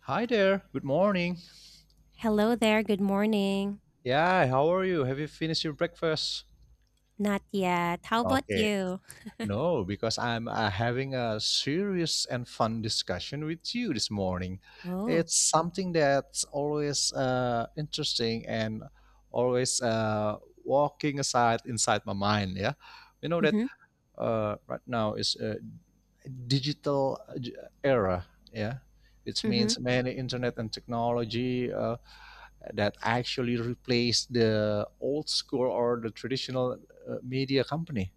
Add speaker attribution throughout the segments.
Speaker 1: Hi there. Good morning.
Speaker 2: Hello there, good morning.
Speaker 1: Yeah, how are you? Have you finished your breakfast?
Speaker 2: Not yet. How about
Speaker 1: Okay.
Speaker 2: you?
Speaker 1: No, because I'm having a serious and fun discussion with you this morning.
Speaker 2: Oh.
Speaker 1: It's something that's always interesting and always walking aside inside my mind. Yeah, you know that
Speaker 2: Mhm,
Speaker 1: right now is a digital era. Yeah, which
Speaker 2: mhm.
Speaker 1: means many internet and technology that actually replaced the old school or the traditional media company.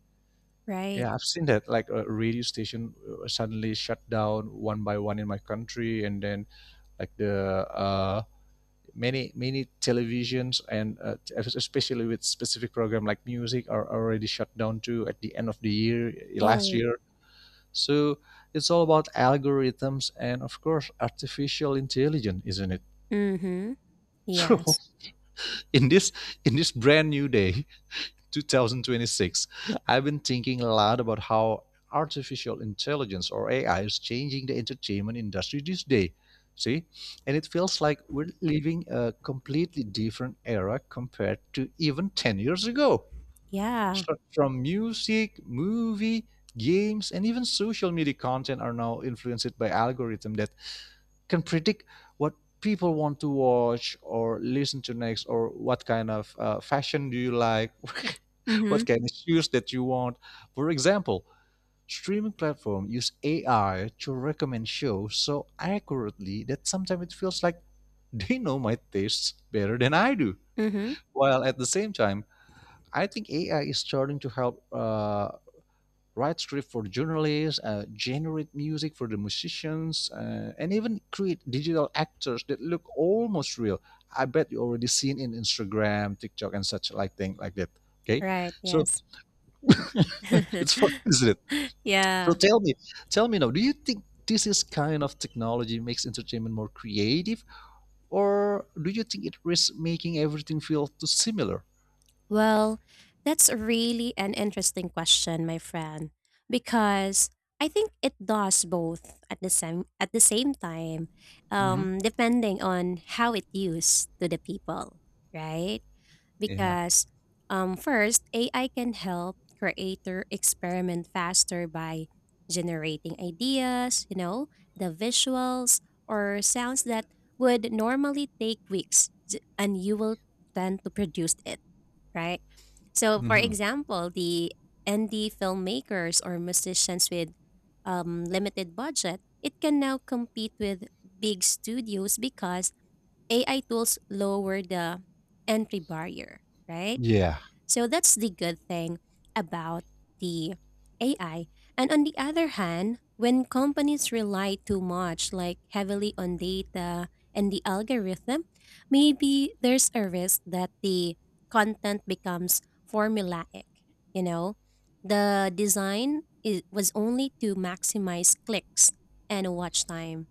Speaker 2: Right.
Speaker 1: Yeah, I've seen that. Like a radio station suddenly shut down one by one in my country, and then like the many televisions and especially with specific program like music are already shut down too at the end of the year, last
Speaker 2: Oh.
Speaker 1: year. So it's all about algorithms and of course artificial intelligence, isn't it?
Speaker 2: Mhm.
Speaker 1: So
Speaker 2: Yes.
Speaker 1: in this in this brand new day 2026. I've been thinking a lot about how artificial intelligence or AI is changing the entertainment industry these days. See, and it feels like we're living a completely different era compared to even 10 years ago.
Speaker 2: Yeah.
Speaker 1: Start from music, movie, games, and even social media content are now influenced by algorithm that can predict what people want to watch or listen to next or what kind of fashion do you like, what
Speaker 2: Mhm,
Speaker 1: kind of shoes that you want. For example, streaming platform use AI to recommend shows so accurately that sometimes it feels like they know my tastes better than I do.
Speaker 2: mhm.
Speaker 1: While at the same time, I think AI is starting to help write script for journalists, generate music for the musicians, and even create digital actors that look almost real. I bet you already seen in Instagram, TikTok, and such like thing like that. Okay,
Speaker 2: Right,
Speaker 1: so
Speaker 2: yes.
Speaker 1: it's fun, isn't it? So
Speaker 2: Yeah.
Speaker 1: tell me, tell me now, do you think this is kind of technology makes entertainment more creative, or do you think it risks making everything feel too similar?
Speaker 2: Well, that's really an interesting question, my friend, because I think it does both at the same time,
Speaker 1: Hmm.
Speaker 2: depending on how it used to the people, right?
Speaker 1: Yeah.
Speaker 2: Because first, AI can help creator experiment faster by generating ideas, you know, the visuals or sounds that would normally take weeks and you will tend to produce it, right? So for
Speaker 1: Hmm.
Speaker 2: example, the indie filmmakers or musicians with limited budget, it can now compete with big studios because AI tools lower the entry barrier, right?
Speaker 1: Yeah.
Speaker 2: So that's the good thing about the AI. And on the other hand, when companies rely too much, like heavily on data and the algorithm, maybe there's a risk that the content becomes formulaic. You know, the design is, was only to maximize clicks and watch time.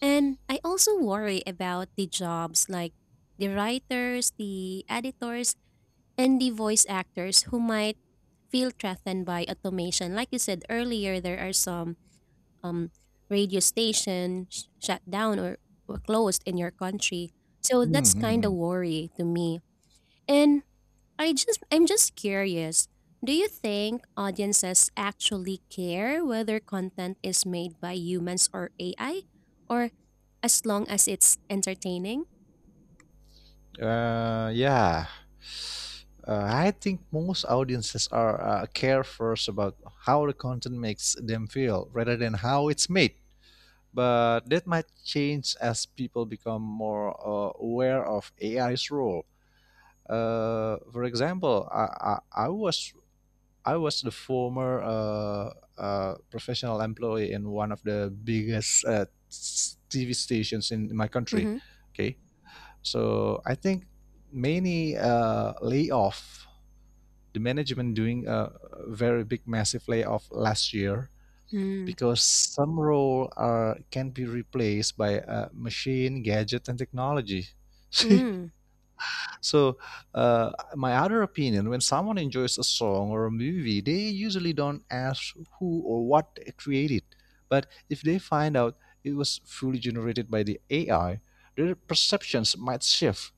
Speaker 2: And I also worry about the jobs, like the writers, the editors, and the voice actors who might feel threatened by automation. Like you said earlier, there are some um, radio stations shut down or closed in your country. So that's kind of
Speaker 1: Hmm.
Speaker 2: worry to me. And I'm just curious. Do you think audiences actually care whether content is made by humans or AI, or as long as it's entertaining?
Speaker 1: Yeah. I think most audiences are care first about how the content makes them feel rather than how it's made. But that might change as people become more aware of AI's role. For example, I was I was the former professional employee in one of the biggest TV stations in my country.
Speaker 2: Mhm.
Speaker 1: Okay, so I think many layoff, the management doing a very big, massive layoff last year
Speaker 2: Mm.
Speaker 1: because some role are can be replaced by machine, gadget, and technology. See,
Speaker 2: Mm.
Speaker 1: so my other opinion, when someone enjoys a song or a movie, they usually don't ask who or what created. But if they find out it was fully generated by the AI, their perceptions might shift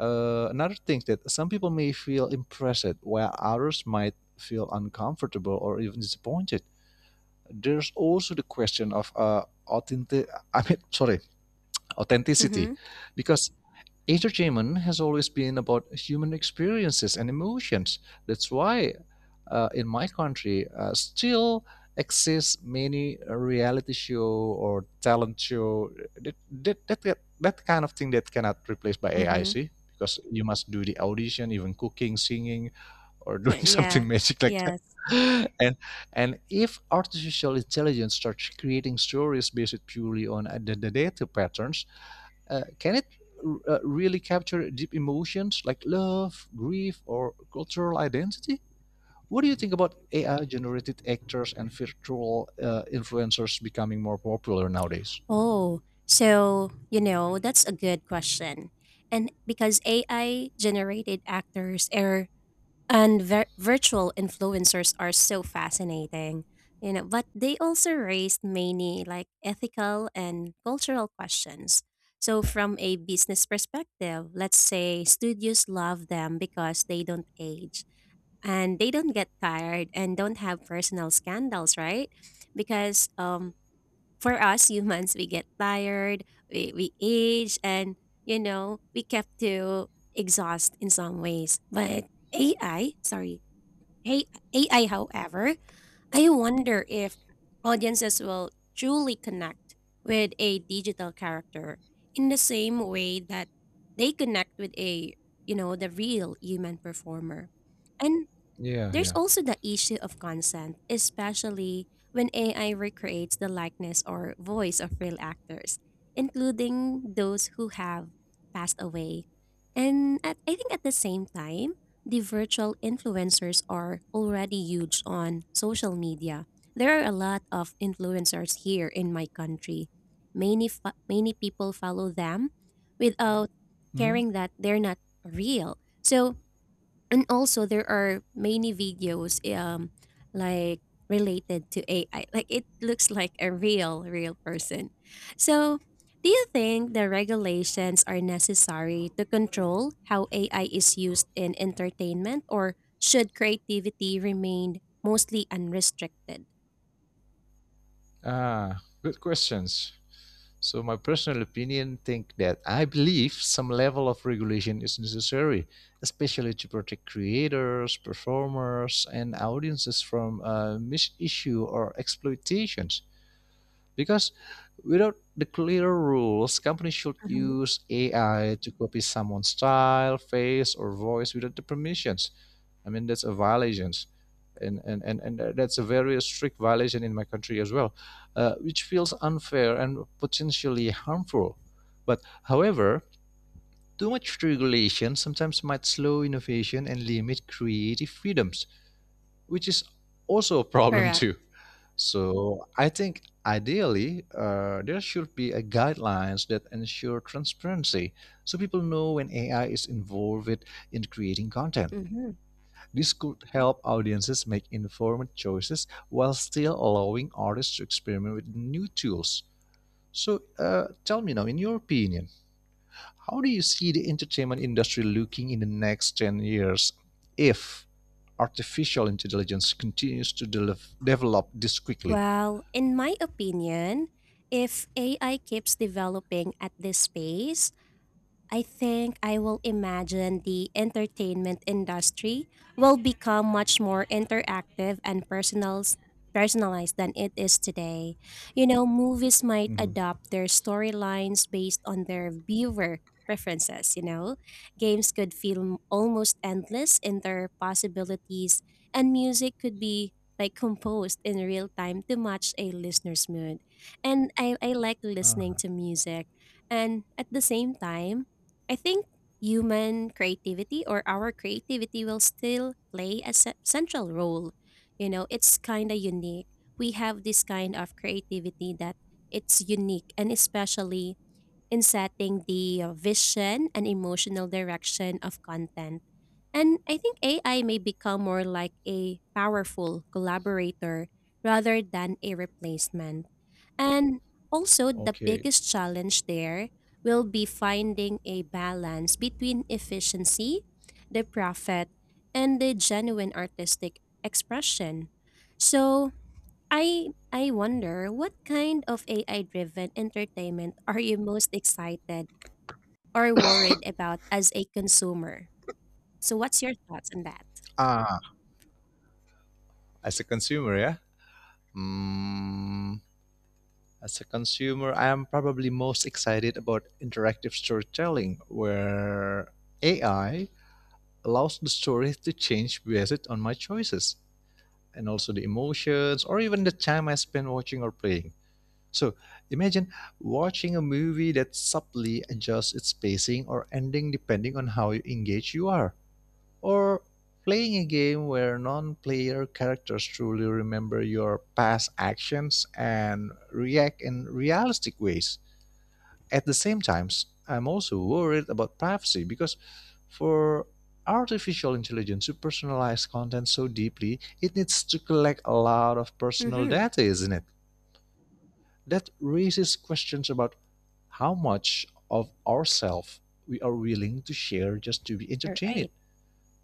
Speaker 1: uh, another thing that some people may feel impressed, while others might feel uncomfortable or even disappointed. There's also the question of authentic. I mean, sorry, authenticity,
Speaker 2: Mhm.
Speaker 1: because entertainment has always been about human experiences and emotions. That's why in my country still exists many reality show or talent show that kind of thing that cannot replace by AI,
Speaker 2: Mhm.
Speaker 1: see? Because you must do the audition, even cooking, singing, or doing something
Speaker 2: Yeah.
Speaker 1: magic like that.
Speaker 2: Yeah.
Speaker 1: and and if artificial intelligence starts creating stories based purely on the data patterns, can it really capture deep emotions like love, grief, or cultural identity? What do you think about AI generated actors and virtual influencers becoming more popular nowadays?
Speaker 2: Oh, so, you know, that's a good question. And because AI generated actors are, and virtual influencers are so fascinating, you know, but they also raised many like ethical and cultural questions. So, from a business perspective, let's say studios love them because they don't age and they don't get tired and don't have personal scandals, right? Because for us humans, we get tired, we age, and you know, we kept to exhaust in some ways. But AI, sorry, A- AI, however, I wonder if audiences will truly connect with a digital character in the same way that they connect with a, you know, the real human performer. And
Speaker 1: Yeah,
Speaker 2: there's
Speaker 1: yeah.
Speaker 2: also the issue of consent, especially when AI recreates the likeness or voice of real actors, including those who have passed away. And at, I think at the same time, the virtual influencers are already huge on social media. There are a lot of influencers here in my country. Many many people follow them without
Speaker 1: Hmm?
Speaker 2: caring that they're not real. So and also there are many videos, um, like related to AI. Like it looks like a real person. So do you think the regulations are necessary to control how AI is used in entertainment, or should creativity remain mostly unrestricted?
Speaker 1: Ah, good questions. So my personal opinion think that I believe some level of regulation is necessary, especially to protect creators, performers, and audiences from misissue or exploitations. Because without the clear rules, companies should
Speaker 2: Mhm,
Speaker 1: use AI to copy someone's style, face, or voice without the permissions. I mean, that's a violation. And that's a very strict violation in my country as well, which feels unfair and potentially harmful. But however, too much regulation sometimes might slow innovation and limit creative freedoms which is also a problem
Speaker 2: correct.
Speaker 1: too. So I think ideally there should be a guidelines that ensure transparency, so people know when AI is involved in creating content.
Speaker 2: Mhm.
Speaker 1: This could help audiences make informed choices while still allowing artists to experiment with new tools. So tell me now, in your opinion, how do you see the entertainment industry looking in the next 10 years if artificial intelligence continues to develop this quickly?
Speaker 2: Well, in my opinion, if AI keeps developing at this pace, I think I will imagine the entertainment industry will become much more interactive and personal, personalized than it is today. You know, movies might
Speaker 1: Mhm.
Speaker 2: adopt their storylines based on their viewer preferences, you know. Games could feel almost endless in their possibilities, and music could be like composed in real time to match a listener's mood. And I like listening
Speaker 1: Ah,
Speaker 2: to music. And at the same time, I think human creativity or our creativity will still play a central role. You know, it's kind of unique. We have this kind of creativity that it's unique, and especially in setting the vision and emotional direction of content. And I think AI may become more like a powerful collaborator rather than a replacement. And also, the
Speaker 1: okay.
Speaker 2: biggest challenge there will be finding a balance between efficiency, the profit, and the genuine artistic expression. So, I wonder, what kind of AI driven entertainment are you most excited or worried about as a consumer? So what's your thoughts on that?
Speaker 1: Ah, as a consumer, yeah. Hmm. As a consumer, I am probably most excited about interactive storytelling, where AI allows the story to change based on my choices and also the emotions or even the time I spend watching or playing. So imagine watching a movie that subtly adjusts its pacing or ending depending on how engaged you are, or playing a game where non player characters truly remember your past actions and react in realistic ways. At the same time, I'm also worried about privacy because for artificial intelligence to personalize content so deeply, it needs to collect a lot of personal
Speaker 2: Mhm.
Speaker 1: data, isn't it? That raises questions about how much of ourselves we are willing to share just to be
Speaker 2: All
Speaker 1: entertained.
Speaker 2: right.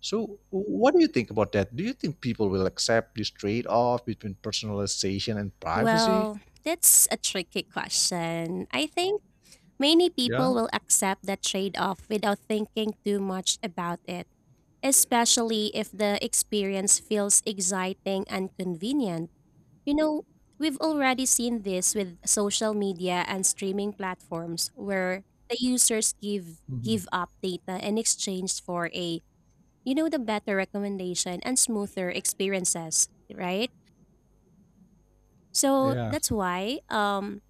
Speaker 1: So, what do you think about that? Do you think people will accept this trade off between personalization and privacy?
Speaker 2: Well, that's a tricky question. I think many
Speaker 1: Yeah.
Speaker 2: people will accept that trade off without thinking too much about it, especially if the experience feels exciting and convenient. You know, we've already seen this with social media and streaming platforms where the users give
Speaker 1: Mhm.
Speaker 2: give up data in exchange for a, you know, the better recommendation and smoother experiences, right? So
Speaker 1: Yeah.
Speaker 2: that's why,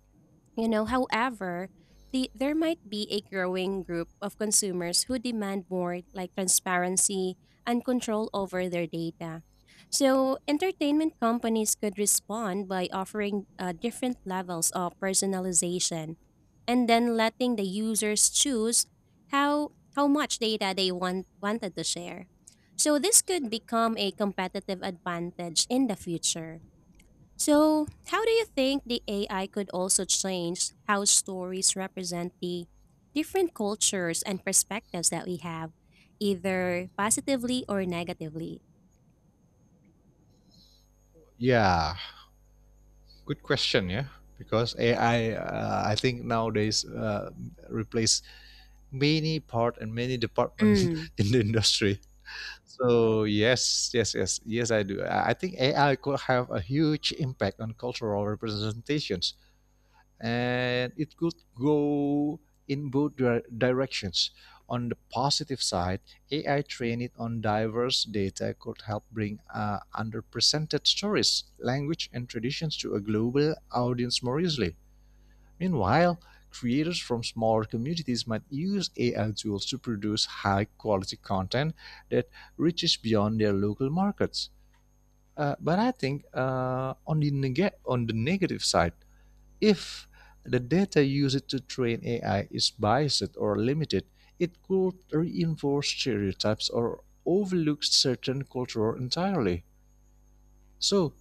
Speaker 2: you know, however, the, there might be a growing group of consumers who demand more like transparency and control over their data. So entertainment companies could respond by offering different levels of personalization, and then letting the users choose how how much data they want wanted to share. So this could become a competitive advantage in the future. So, how do you think the AI could also change how stories represent the different cultures and perspectives that we have, either positively or negatively?
Speaker 1: Yeah. Good question, yeah. Because AI, I think nowadays replace many part and many department
Speaker 2: Mm.
Speaker 1: in the industry. So yes, yes, yes, yes, I do. I think AI could have a huge impact on cultural representations and it could go in both directions. On the positive side, AI trained on diverse data could help bring underrepresented stories, language, and traditions to a global audience more easily. Meanwhile, creators from smaller communities might use AI tools to produce high quality content that reaches beyond their local markets. But I think on the negative side, if the data used to train AI is biased or limited, it could reinforce stereotypes or overlook certain culture entirely. So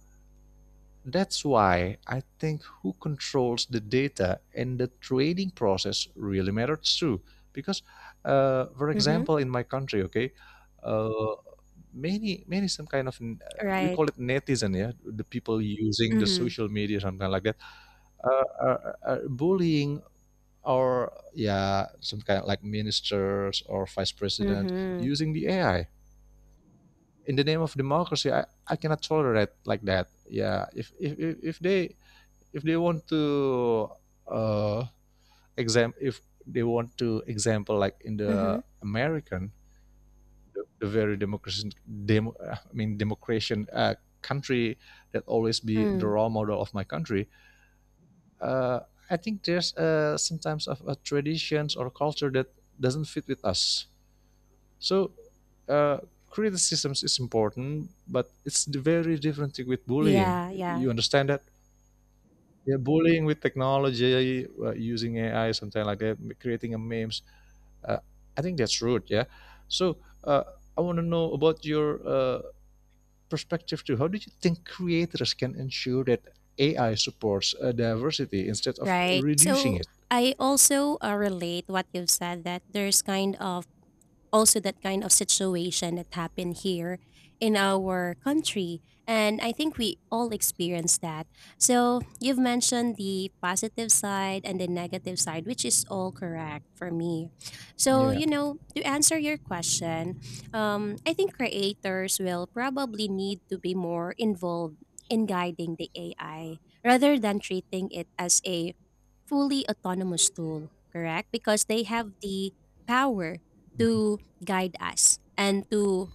Speaker 1: that's why I think who controls the data and the training process really matters too. Because, for
Speaker 2: Mm-hmm.
Speaker 1: example, in my country, okay, uh, many some kind of we
Speaker 2: Right.
Speaker 1: call it netizen, yeah, the people using the
Speaker 2: Mm-hmm.
Speaker 1: social media, something like that, are bullying or yeah, some kind of like ministers or vice president
Speaker 2: Mm-hmm.
Speaker 1: using the AI in the name of democracy. I cannot tolerate like that. Yeah, if they want to uh, exam if they want to example like in
Speaker 2: Mm-hmm.
Speaker 1: the American, the very democracy I mean democration country that always be the
Speaker 2: Mm.
Speaker 1: role model of my country. Uh, I think there's sometimes of traditions or culture that doesn't fit with us. So uh, criticisms is important, but it's the very different thing with bullying.
Speaker 2: Yeah, yeah.
Speaker 1: You understand that? Yeah, bullying with technology, using AI, something like that, creating a memes. Uh, I think that's rude. Yeah. So uh, I want to know about your perspective too, how do you think creators can ensure that AI supports diversity instead of
Speaker 2: Right.
Speaker 1: reducing
Speaker 2: So
Speaker 1: it?
Speaker 2: I also relate what you've said that there's kind of also that kind of situation that happened here in our country, and I think we all experience that. So you've mentioned the positive side and the negative side, which is all correct for me. So
Speaker 1: Yeah.
Speaker 2: you know, to answer your question, I think creators will probably need to be more involved in guiding the AI rather than treating it as a fully autonomous tool, correct, because they have the power
Speaker 1: Mhm.
Speaker 2: to guide us, and to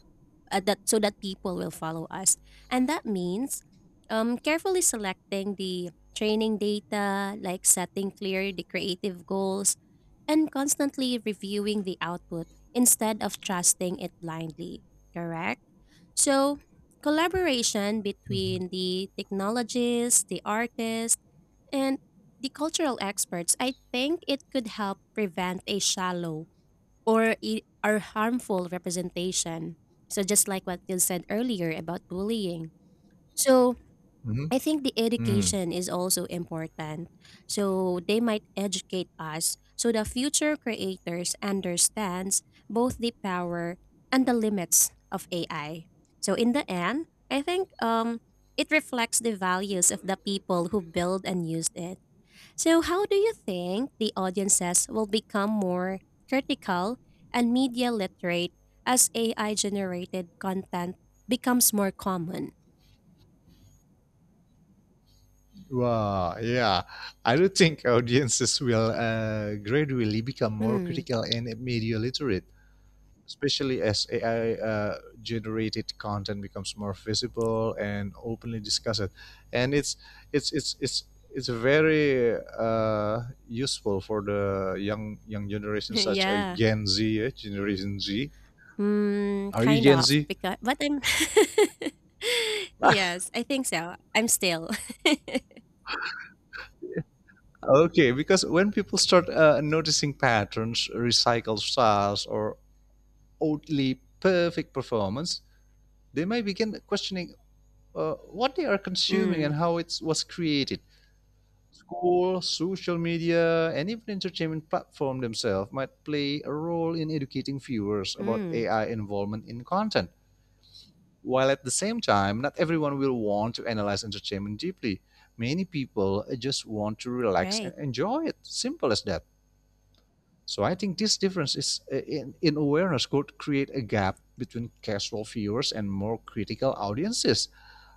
Speaker 2: that, so that people will follow us. And that means, carefully selecting the training data, like setting clear the creative goals and constantly reviewing the output instead of trusting it blindly, correct. So collaboration between the technologists, the artists, and the cultural experts, I think it could help prevent a shallow or are harmful representation. So just like what you said earlier about bullying. So
Speaker 1: Mhm.
Speaker 2: I think the
Speaker 1: Mhm.
Speaker 2: education is also important. So they might educate us so the future creators understands both the power and the limits of AI. So in the end, I think it reflects the values of the people who build and used it. So, how do you think the audiences will become more critical and media literate as AI generated content becomes more common?
Speaker 1: Wow, yeah. I do think audiences will gradually become more
Speaker 2: Hmm.
Speaker 1: critical and media literate, especially as AI generated content becomes more visible and openly discussed. And it's it's it's it's very useful for the young generation, such as
Speaker 2: Yeah.
Speaker 1: Gen Z, eh? Generation Z.
Speaker 2: Mm,
Speaker 1: Are you
Speaker 2: kind
Speaker 1: Gen
Speaker 2: of,
Speaker 1: Z?
Speaker 2: because but I'm yes, I think so. I'm still.
Speaker 1: Okay, because when people start noticing patterns, recycled styles, or oddly perfect performance, they may begin questioning what they are consuming and
Speaker 2: Mm,
Speaker 1: how it was created. School, social media, and even entertainment platform themselves might play a role in educating viewers about
Speaker 2: mm,
Speaker 1: AI involvement in content. While at the same time, not everyone will want to analyze entertainment deeply. Many people just want to relax and
Speaker 2: right.
Speaker 1: enjoy it. Simple as that. So I think this difference is in awareness could create a gap between casual viewers and more critical audiences.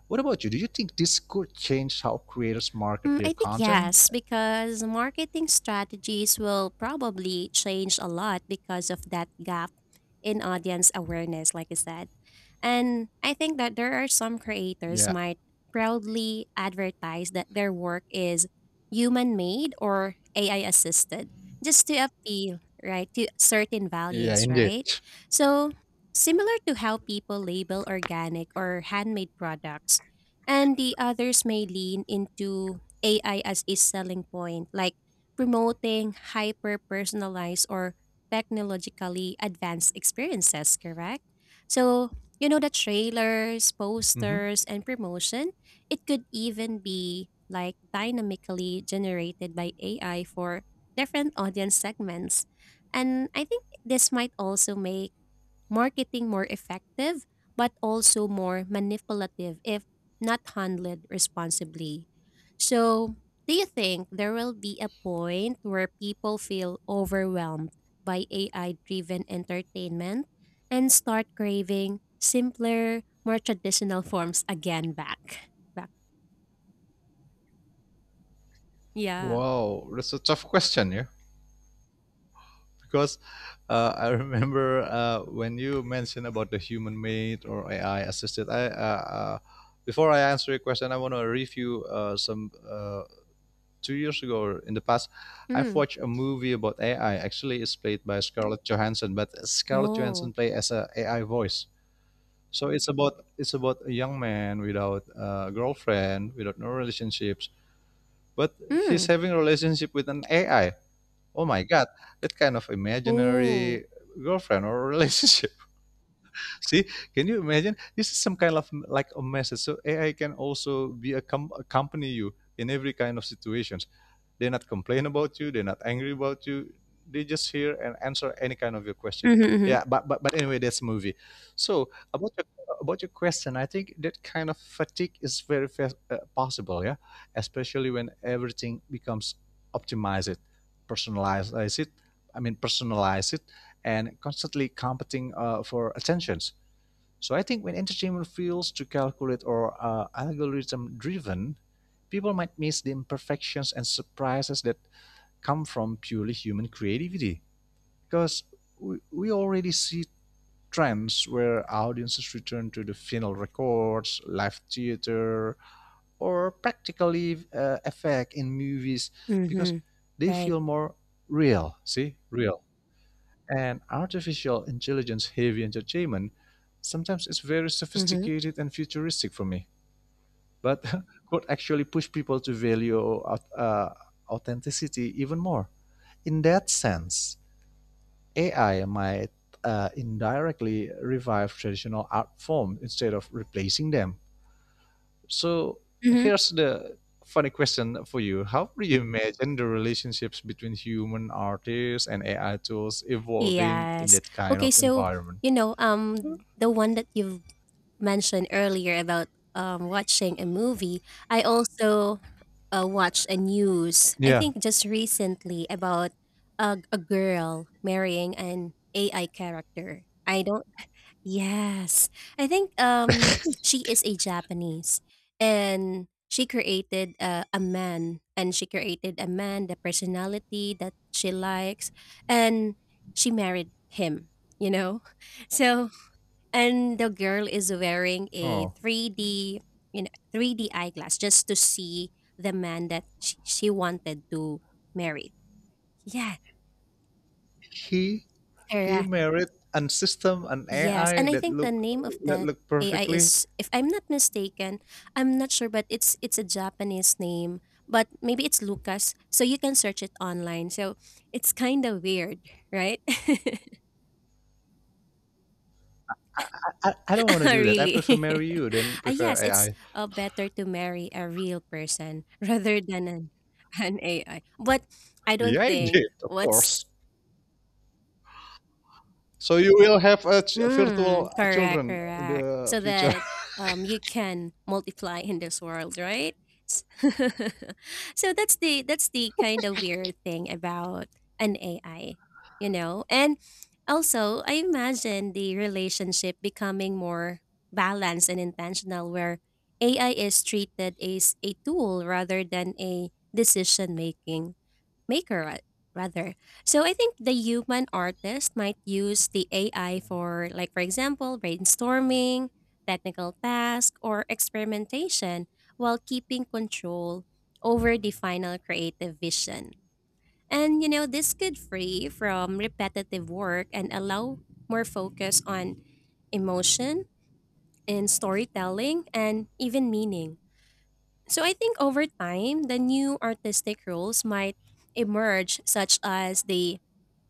Speaker 1: What about you? Do you think this could change how creators market
Speaker 2: Mm,
Speaker 1: their
Speaker 2: I think
Speaker 1: content?
Speaker 2: yes, because marketing strategies will probably change a lot because of that gap in audience awareness, like I said. And I think that there are some creators
Speaker 1: Yeah.
Speaker 2: might proudly advertise that their work is human made or AI assisted, just to appeal, right, to certain
Speaker 1: Yeah,
Speaker 2: values,
Speaker 1: indeed.
Speaker 2: right? So, similar to how people label organic or handmade products, and the others may lean into AI as a selling point, like promoting hyper personalized or technologically advanced experiences, correct? So, you know, the trailers,
Speaker 1: Mm-hmm.
Speaker 2: posters, and promotion, it could even be like dynamically generated by AI for different audience segments. And I think this might also make marketing more effective, but also more manipulative if not handled responsibly. So, do you think there will be a point where people feel overwhelmed by AI driven entertainment and start craving simpler, more traditional forms again back? Back. Yeah.
Speaker 1: Wow, that's a tough question, yeah. Because I remember when you mentioned about the human made or AI assisted. I before I answer your question, I want to review some 2 years ago or in the past. I've
Speaker 2: Mm.
Speaker 1: watched a movie about AI. Actually, it's played by Scarlett Johansson, but Scarlett Johansson
Speaker 2: Oh.
Speaker 1: play as a AI voice. So it's about a young man without a girlfriend, without no relationships, but he's
Speaker 2: Mm.
Speaker 1: having a relationship with an AI. Oh my god, that kind of
Speaker 2: Oh.
Speaker 1: imaginary girlfriend or relationship. See, can you imagine? This is some kind of like a message. So AI can also be a accompany you in every kind of situations. They're not complain about you. They're not angry about you. They just hear and answer any kind of your question.
Speaker 2: Mm-hmm, mm-hmm.
Speaker 1: Yeah, but anyway, that's a movie. So about your question, I think that kind of fatigue is very possible. Yeah, especially when everything becomes optimized, personalized it. I mean, personalize it, and constantly competing for attention. So I think when entertainment feels too calculate or algorithm driven, people might miss the imperfections and surprises that come from purely human creativity. Because we already see trends where audiences return to the vinyl records, live theater, or practically effect in movies because
Speaker 2: Mm-hmm.
Speaker 1: they
Speaker 2: Right.
Speaker 1: feel more real. See, real and artificial intelligence heavy entertainment sometimes is very
Speaker 2: Mm-hmm.
Speaker 1: sophisticated and futuristic for me but could actually push people to value uh, authenticity even more. In that sense, AI might indirectly revive traditional art forms instead of replacing them. So
Speaker 2: Mm-hmm.
Speaker 1: here's the funny question for you: how do you imagine the relationships between human artists and AI tools evolving in
Speaker 2: Yes.
Speaker 1: that kind
Speaker 2: Okay,
Speaker 1: of
Speaker 2: so
Speaker 1: environment?
Speaker 2: you know, um, the one that you've mentioned earlier about, um, watching a movie, I also watched a news. I
Speaker 1: Yeah.
Speaker 2: think just recently about a girl marrying an AI character. I don't Yes. I think she is a Japanese, and she created a man, and she created a man the personality that she likes, and she married him, you know. So and the girl is wearing a
Speaker 1: Oh,
Speaker 2: 3D, you know, 3D eyeglass just to see the man that she wanted to marry. Yeah,
Speaker 1: he he
Speaker 2: correct.
Speaker 1: married an system, an
Speaker 2: Yes,
Speaker 1: AI
Speaker 2: and I think the name of
Speaker 1: that
Speaker 2: that
Speaker 1: look
Speaker 2: AI
Speaker 1: perfectly.
Speaker 2: is, if I'm not mistaken, I'm not sure, but it's a Japanese name, but maybe it's Lucas. So you can search it online. So it's kind of weird, right?
Speaker 1: I don't want to do that. I
Speaker 2: Really.
Speaker 1: prefer marry you than
Speaker 2: Uh,
Speaker 1: prefer
Speaker 2: yes, it's
Speaker 1: AI.
Speaker 2: better to marry a real person rather than an AI. But I don't
Speaker 1: Yeah, I
Speaker 2: think
Speaker 1: did, of
Speaker 2: what's
Speaker 1: course. So you will have a virtual
Speaker 2: Mm, correct,
Speaker 1: children in
Speaker 2: correct.
Speaker 1: the
Speaker 2: So
Speaker 1: future.
Speaker 2: that, you can multiply in this world, right? S- so that's the kind of weird thing about an AI, you know. And also, I imagine the relationship becoming more balanced and intentional, where AI is treated as a tool rather than a decision making maker ra- rather. So I think the human artist might use the AI for like, for example, brainstorming, technical task, or experimentation, while keeping control over the final creative vision. And you know, this could free from repetitive work and allow more focus on emotion and storytelling and even meaning. So I think over time, the new artistic roles might emerge, such as the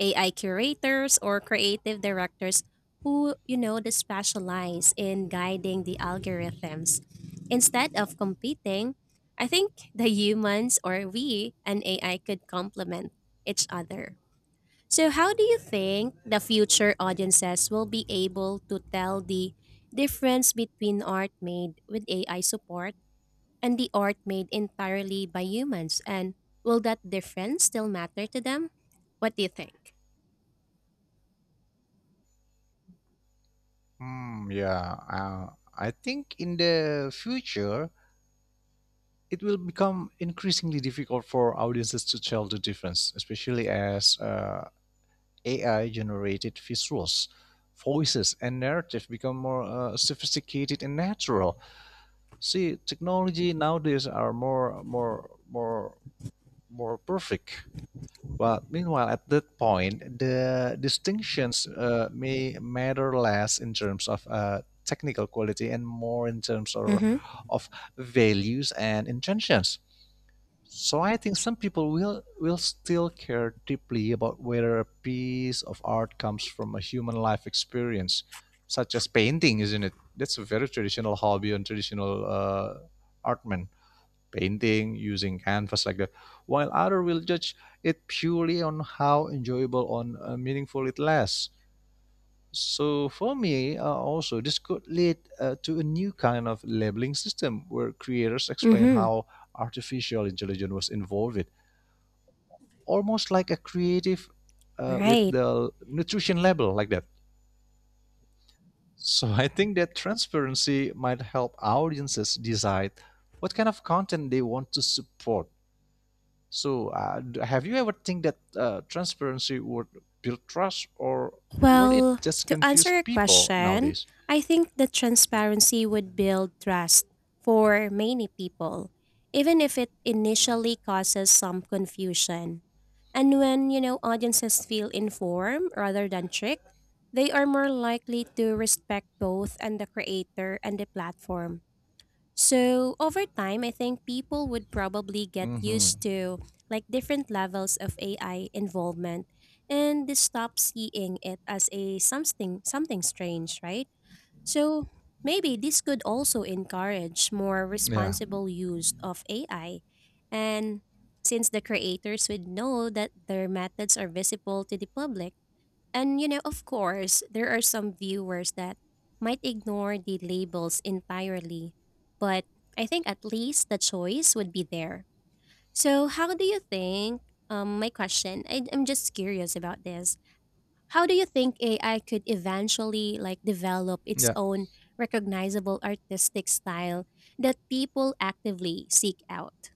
Speaker 2: AI curators or creative directors who, you know, they specialize in guiding the algorithms. Instead of competing, I think the humans or we and AI could complement each other. So, how do you think the future audiences will be able to tell the difference between art made with AI support and the art made entirely by humans? And will that difference still matter to them? What do you think?
Speaker 1: Hmm. Yeah, I think in the future it will become increasingly difficult for audiences to tell the difference, especially as AI-generated visuals, voices, and narrative become more sophisticated and natural. See, technology nowadays are more perfect. But meanwhile, at that point, the distinctions may matter less in terms of technical quality and more in terms
Speaker 2: Mm-hmm.
Speaker 1: of values and intentions. So I think some people will still care deeply about whether a piece of art comes from a human life experience, such as painting, isn't it? That's a very traditional hobby and traditional artman painting using canvas like that. While other will judge it purely on how enjoyable on meaningful it lasts. So for me, also this could lead to a new kind of labeling system where creators explain
Speaker 2: Mm-hmm.
Speaker 1: how artificial intelligence was involved, almost like a creative with
Speaker 2: Right.
Speaker 1: the nutrition label like that. So I think that transparency might help audiences decide what kind of content they want to support. So, have you ever think that transparency would build trust, or would it
Speaker 2: Well,
Speaker 1: just
Speaker 2: to
Speaker 1: confuse
Speaker 2: answer your
Speaker 1: people
Speaker 2: question,
Speaker 1: nowadays?
Speaker 2: I think that transparency would build trust for many people, even if it initially causes some confusion. And when, you know, audiences feel informed rather than tricked, they are more likely to respect both and the creator and the platform. So over time, I think people would probably get
Speaker 1: Mm-hmm.
Speaker 2: used to like different levels of AI involvement, and they stop seeing it as a something strange, right? So maybe this could also encourage more
Speaker 1: Yeah,
Speaker 2: responsible use of AI. And since the creators would know that their methods are visible to the public, and you know, of course, there are some viewers that might ignore the labels entirely, but I think at least the choice would be there. So, how do you think? My question. I'm just curious about this. How do you think AI could eventually like develop its
Speaker 1: yeah,
Speaker 2: own recognizable artistic style that people actively seek out?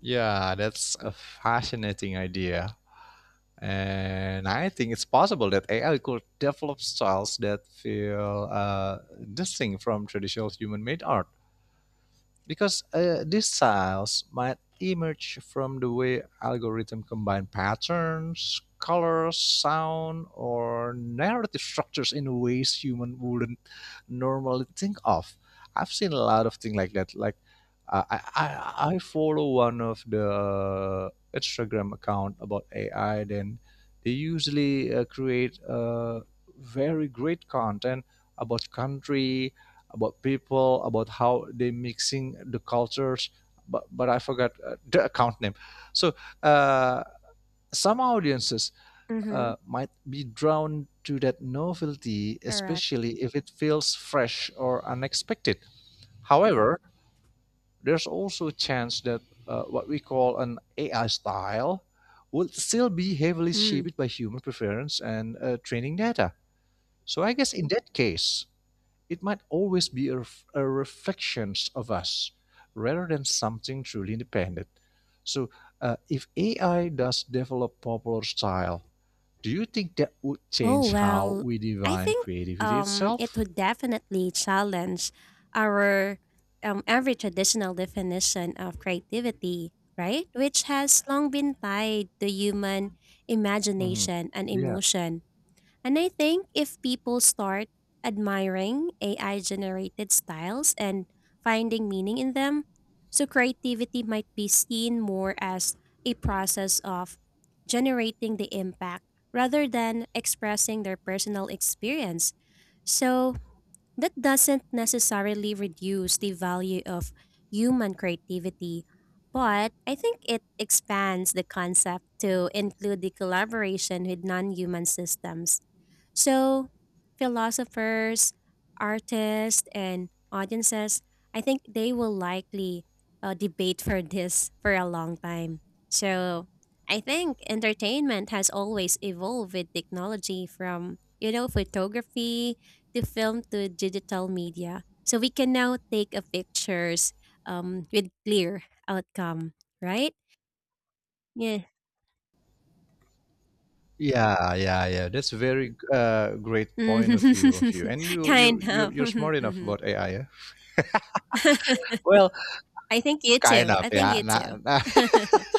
Speaker 1: yeah. That's a fascinating idea. And I think it's possible that AI could develop styles that feel distinct from traditional human made art because these styles might emerge from the way algorithms combine patterns, colors, sound, or narrative structures in ways human wouldn't normally think of. I've seen a lot of things like that. Like I follow one of the Instagram account about AI. Then they usually create very great content about country, about people, about how they mixing the cultures. But, I forgot the account name. So uh, some audiences
Speaker 2: Mm-hmm.
Speaker 1: might be drawn to that novelty,
Speaker 2: Correct.
Speaker 1: especially if it feels fresh or unexpected. However, there's also a chance that what we call an AI style will still be heavily shaped by human preference and training data. So I guess in that case, it might always be a reflection of us rather than something truly independent. So, if AI does develop popular style, do you think that would
Speaker 2: Oh,
Speaker 1: change how
Speaker 2: well,
Speaker 1: we
Speaker 2: I
Speaker 1: define
Speaker 2: think
Speaker 1: creativity
Speaker 2: it
Speaker 1: itself?
Speaker 2: would definitely challenge our every traditional definition of creativity, right? Which has long been tied to human
Speaker 1: Mhm.
Speaker 2: imagination and
Speaker 1: Yeah,
Speaker 2: emotion. And I think if people start admiring AI generated styles and finding meaning in them, so creativity might be seen more as a process of generating the impact rather than expressing their personal experience. So that doesn't necessarily reduce the value of human creativity, but I think it expands the concept to include the collaboration with non human systems. So, philosophers, artists, and audiences, I think they will likely debate for this for a long time. So, I think entertainment has always evolved with technology from, you know, photography, the film, to digital media. So we can now take a pictures, with clear outcome, right? Yeah.
Speaker 1: yeah, yeah, yeah. That's a very great
Speaker 2: Mhm.
Speaker 1: point of view of you, and you you
Speaker 2: Kind
Speaker 1: you're
Speaker 2: of.
Speaker 1: you're smart enough
Speaker 2: Mhm.
Speaker 1: about AI. Yeah? Well,
Speaker 2: I think you
Speaker 1: kind
Speaker 2: too.
Speaker 1: of.
Speaker 2: I think
Speaker 1: Yeah,
Speaker 2: you too.
Speaker 1: nah, nah.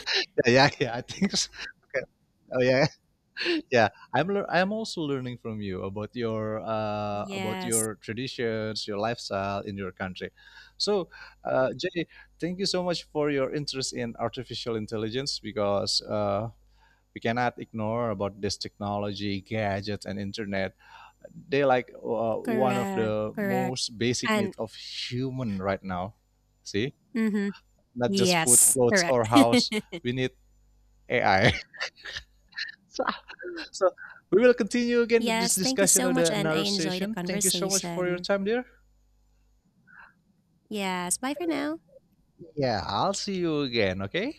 Speaker 1: Yeah. I think. So. Okay. Oh yeah. I'm also learning from you about
Speaker 2: Yes.
Speaker 1: your traditions, your lifestyle in your country. So Jay, thank you so much for your interest in artificial intelligence, because we cannot ignore about this technology gadgets and internet. They like one of
Speaker 2: Correct.
Speaker 1: the
Speaker 2: Correct.
Speaker 1: most basic
Speaker 2: And
Speaker 1: needs of human right now. See,
Speaker 2: hmm
Speaker 1: not just food,
Speaker 2: yes,
Speaker 1: clothes or
Speaker 2: correct.
Speaker 1: house, we need AI. So we will continue again this
Speaker 2: Yes, thank you
Speaker 1: discussion
Speaker 2: so
Speaker 1: of
Speaker 2: much
Speaker 1: the
Speaker 2: and
Speaker 1: another
Speaker 2: I enjoy the
Speaker 1: session. Thank you so much for your
Speaker 2: conversation.
Speaker 1: time, dear.
Speaker 2: Yes, bye for now.
Speaker 1: Yeah, I'll see you again, okay?